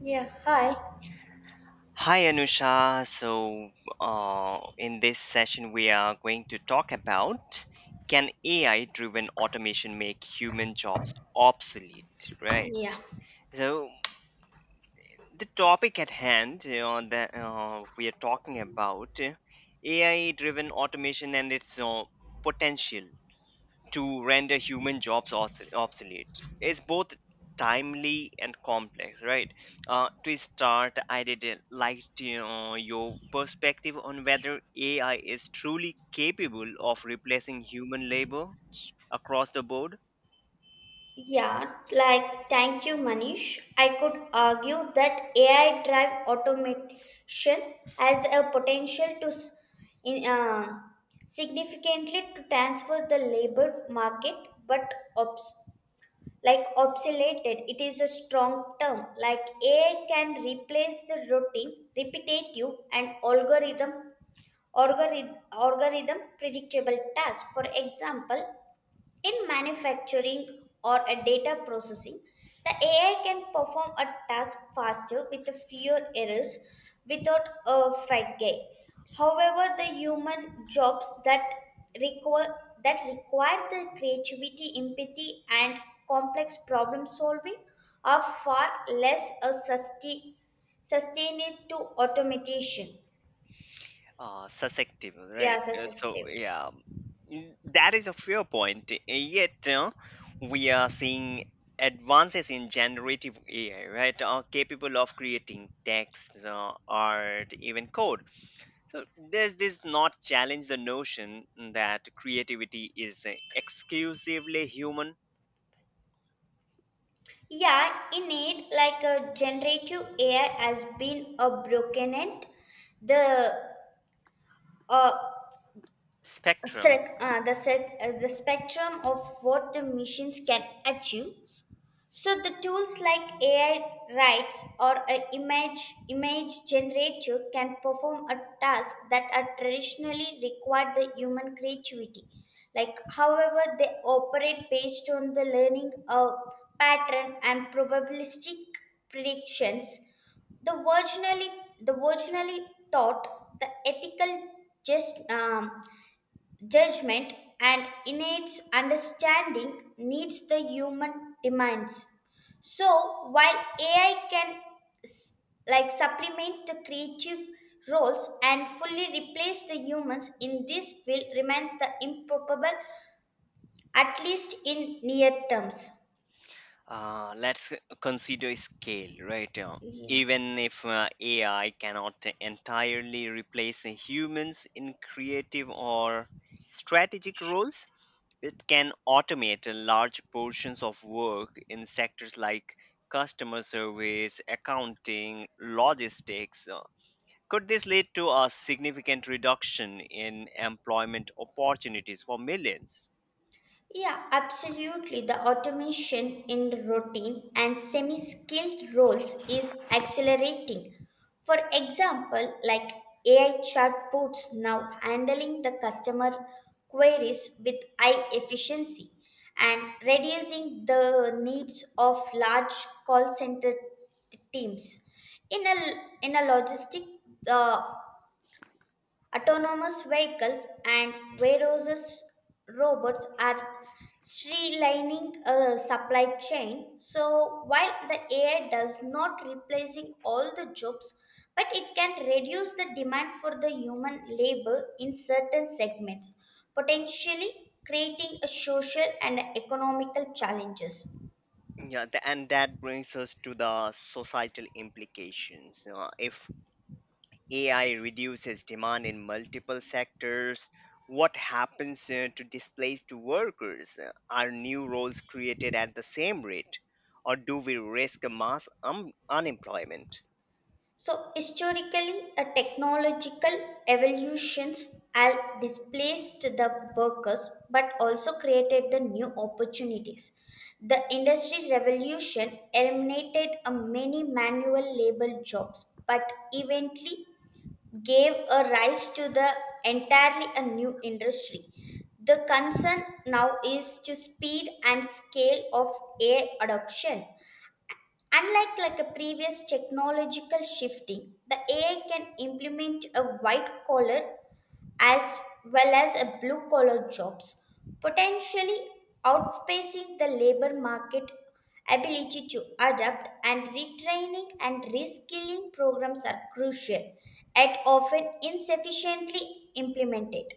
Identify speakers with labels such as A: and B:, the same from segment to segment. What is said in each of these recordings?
A: Yeah, hi.
B: Hi Anusha. In this session, we are going to talk about can AI driven automation make human jobs obsolete, right?
A: Yeah.
B: So, the topic at hand, you know, that we are talking about AI driven automation and its potential to render human jobs obsolete is both timely and complex, right? To start, I did like to, you know, your perspective on whether ai is truly capable of replacing human labor across the board.
A: Yeah, like thank you, Manish. I could argue that AI drive automation has a potential to in, uh, significantly to transfer the labor market, but obsoleted, it is a strong term. Like AI can replace the routine, repetitive, and algorithm predictable task. For example, in manufacturing or a data processing, the AI can perform a task faster with fewer errors without a fatigue. However, the human jobs that require require the creativity, empathy, and complex problem solving are far less sustained to automation.
B: Susceptible,
A: Yeah,
B: right? Uh, So
A: sensitive.
B: yeah, mm, That is a fair point. Yet we are seeing advances in generative AI, right? Are capable of creating text, art, even code. So does this not challenge the notion that creativity is an exclusively human
A: Yeah, indeed, like a generative AI has been a broken end. The uh,
B: spectrum?
A: the spectrum of what the machines can achieve, so the tools like AI writes or a image generator can perform a task that are traditionally required the human creativity. Like however they operate based on the learning of pattern and probabilistic predictions. The originally the originally thought, the ethical just judgment and innate understanding needs the human demands. So while AI can s- supplement the creative roles and fully replace the humans in this field remains the improbable, at least in near terms.
B: Let's consider scale, right?
A: Yeah.
B: Even if AI cannot entirely replace humans in creative or strategic roles, it can automate large portions of work in sectors like customer service, accounting, logistics. Could this lead to a significant reduction in employment opportunities for millions?
A: Yeah, absolutely. The automation in routine and semi skilled roles is accelerating. For example, like AI chatbots now handling the customer queries with high efficiency and reducing the needs of large call center teams. In a in a logistic uh, autonomous vehicles and various robots are streamlining a supply chain. So while the AI does not replacing all the jobs, but it can reduce the demand for the human labor in certain segments, potentially creating a social and economical challenges.
B: Yeah. And that brings us to the societal implications. If AI reduces demand in multiple sectors, what happens to displaced workers? Are new roles created at the same rate, or do we risk a mass unemployment?
A: So, historically, a technological evolutions has displaced the workers but also created the new opportunities. The industry revolution eliminated a many manual labor jobs but eventually gave a rise to the entirely a new industry. The concern now is to speed and scale of AI adoption. Unlike like a previous technological shifting, the AI can implement a white collar as well as a blue collar jobs, potentially outpacing the labor market ability to adapt, and retraining and reskilling programs are crucial yet often insufficiently implemented.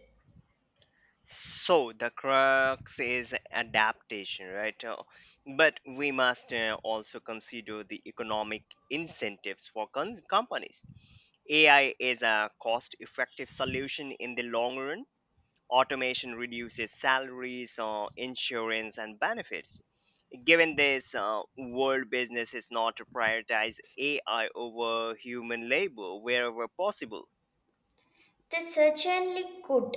B: So the crux is adaptation, right? But we must also consider the economic incentives for companies. AI is a cost effective solution in the long run. Automation reduces salaries, insurance, and benefits. Given this, world business is not to prioritize AI over human labor wherever possible.
A: They certainly could.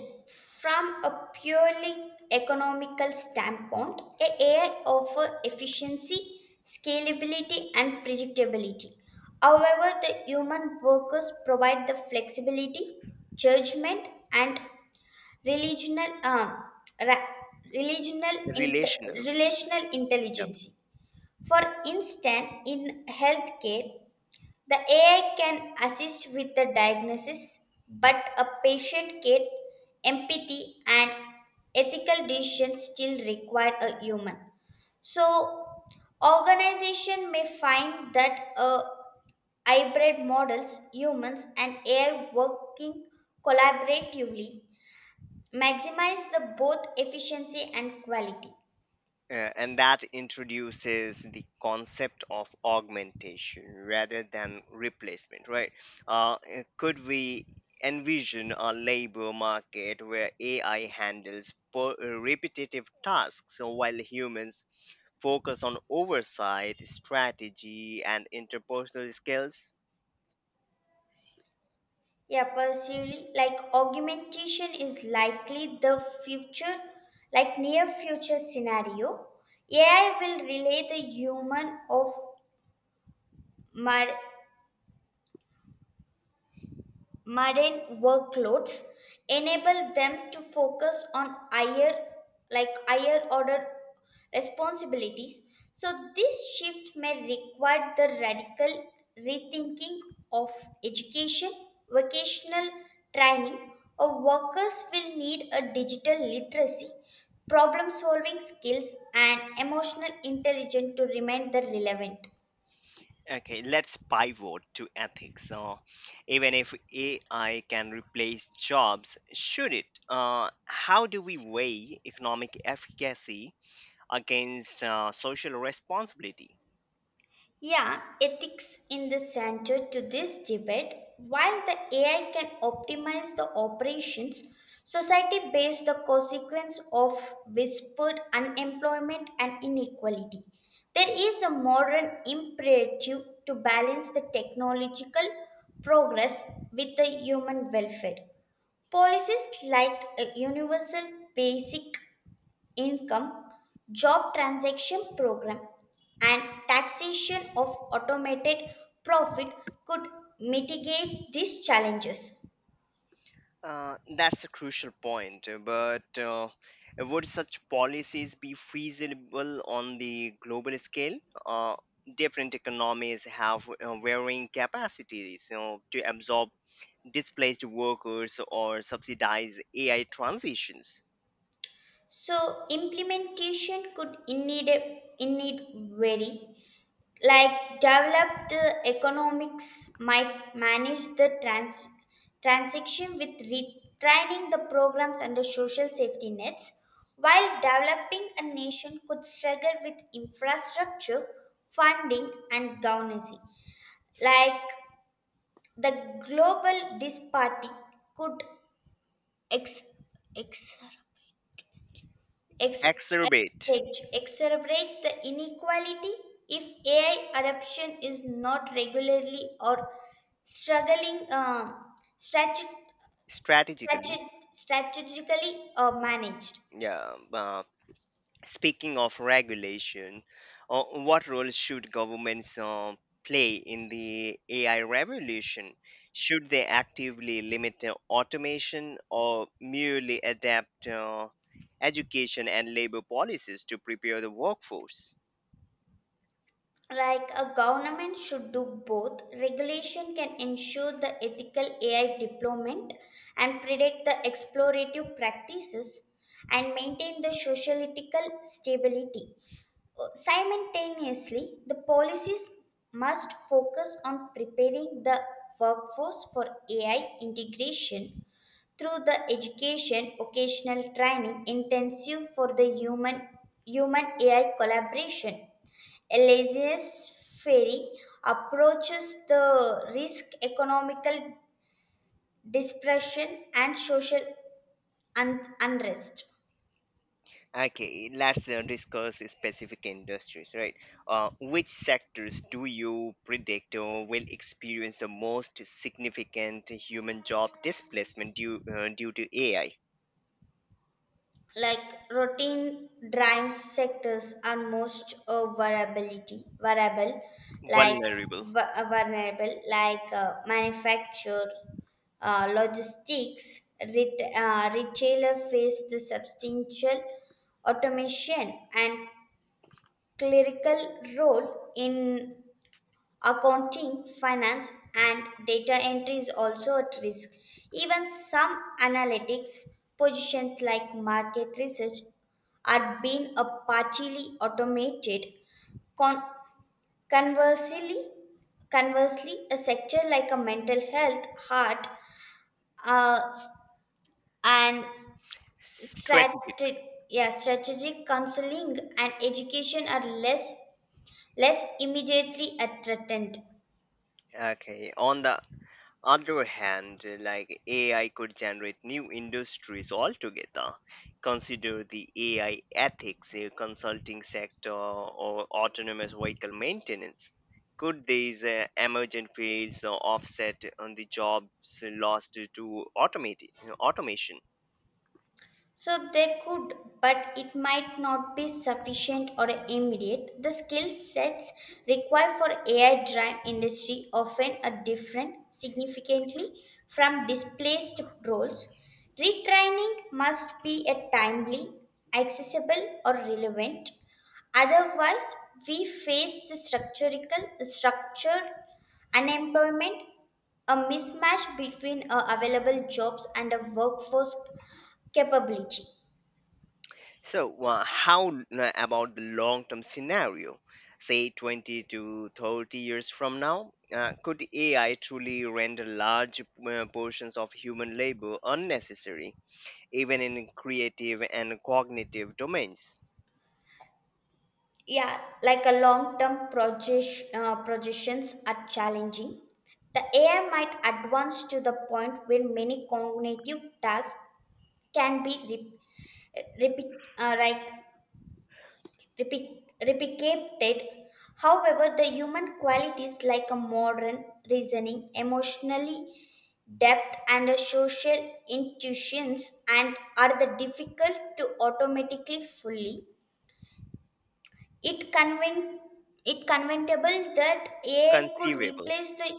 A: From a purely economical standpoint, a AI offers efficiency, scalability, and predictability. However, the human workers provide the flexibility, judgment, and relational, um, ra-
B: Relational.
A: relational
B: Yeah.
A: intelligence. For instance, in healthcare, the AI can assist with the diagnosis, but a patient care, empathy, and ethical decisions still require a human. So, organization may find that a hybrid models, humans and AI working collaboratively maximize the both efficiency and quality.
B: And that introduces the concept of augmentation rather than replacement, right? Could we envision a labor market where AI handles repetitive tasks while humans focus on oversight, strategy, and interpersonal skills?
A: Yeah, personally, like augmentation is likely the future, like near future scenario. AI will relay the human of mar- modern workloads, enable them to focus on higher order responsibilities. So this shift may require the radical rethinking of education, vocational training, or workers will need a digital literacy, problem solving skills, and emotional intelligence to remain the relevant.
B: Okay, let's pivot to ethics. So, even if AI can replace jobs, should it? How do we weigh economic efficacy against social responsibility?
A: Yeah, ethics in the center to this debate. While the AI can optimize the operations, society bears the consequence of whispered unemployment and inequality. There is a modern imperative to balance the technological progress with the human welfare. Policies like a universal basic income, job transaction program, and taxation of automated profit could mitigate these challenges.
B: That's a crucial point, but would such policies be feasible on the global scale? Uh, Different economies have varying capacities, you know, to absorb displaced workers or subsidize AI transitions.
A: So implementation could indeed vary. Like developed economics might manage the transaction with retraining the programs and the social safety nets, while developing a nation could struggle with infrastructure funding and governance. Like the global disparity could ex- ex- Ex-
B: Exacerbate
A: exacerbate the inequality if AI adoption is not regularly or struggling strateg-
B: strategically.
A: strategically managed.
B: Yeah. Speaking of regulation, uh, what role should governments play in the AI revolution? Should they actively limit automation or merely adapt education and labor policies to prepare the workforce?
A: Like a government should do both. Regulation can ensure the ethical AI deployment and predict the explorative practices and maintain the sociopolitical stability. Simultaneously, the policies must focus on preparing the workforce for AI integration through the education, occasional training intensive for the human AI collaboration. Elias Ferry approaches the risk, economical dispersion, and social unrest.
B: Okay, let's discuss specific industries, right? Which sectors do you predict will experience the most significant human job displacement due to AI?
A: Like routine drive sectors are most variability variable, like
B: Vulnerable,
A: vulnerable, like manufacture, retailer face the substantial automation, and clerical role in accounting, finance, and data entry is also at risk. Even some analytics positions like market research are being a partially automated. Con- conversely, conversely, a sector like a mental health, heart, s- and
B: strategic.
A: strategic, yeah, strategic counseling and education are less immediately threatened.
B: Okay, on the other hand, like AI could generate new industries altogether. Consider the AI ethics, consulting sector, or autonomous vehicle maintenance. Could these emergent fields offset on the jobs lost to automation?
A: So they could, but it might not be sufficient or immediate. The skill sets required for AI driven industry often are different significantly from displaced roles. Retraining must be a timely, accessible or relevant. Otherwise, we face the structural structured unemployment, a mismatch between available jobs and a workforce capability.
B: So, how about the long term scenario? Say 20 to 30 years from now, could AI truly render large portions of human labor unnecessary, even in creative and cognitive domains?
A: Yeah, like a long-term projections are challenging. The AI might advance to the point where many cognitive tasks can be repeat, uh, like replicated. However, the human qualities like a modern reasoning, emotionally depth, and a social intuitions and are the difficult to automatically fully. It convent it conventable that A could
B: Conceivable.
A: replace the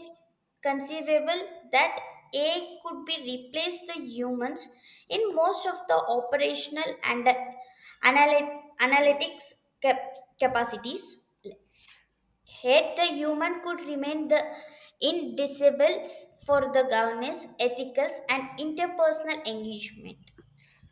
A: conceivable that A could be replaced the humans in most of the operational and
B: Hmm.
A: analytics cap- capacities. Yet the human could remain the indivisibles for the governance, ethics, and interpersonal engagement.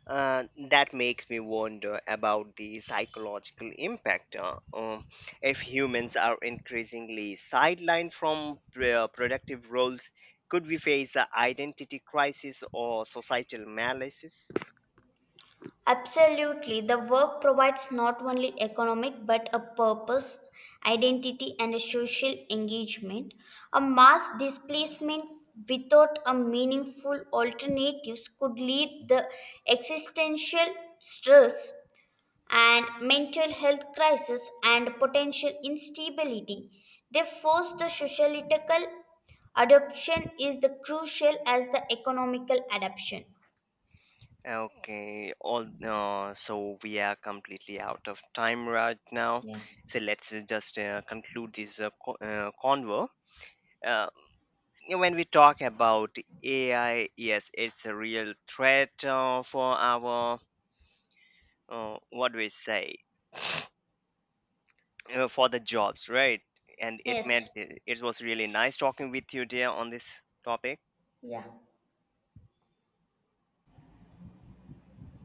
B: That makes me wonder about the psychological impact. If humans are increasingly sidelined from productive roles, could we face an identity crisis or societal malaise?
A: Absolutely. The work provides not only economic but a purpose, identity, and a social engagement. A mass displacement without a meaningful alternatives could lead the existential stress and mental health crisis and potential instability. They force the sociological adoption is the crucial as the economical adoption.
B: Okay, all so we are completely out of time right now.
A: Yeah.
B: So let's just conclude this convo. Uh, yeah, when we talk about AI, yes, it's a real threat for our, what do we say, for the jobs, right? And
A: Yes.
B: it was really nice talking with you, dear, on this topic.
A: Yeah.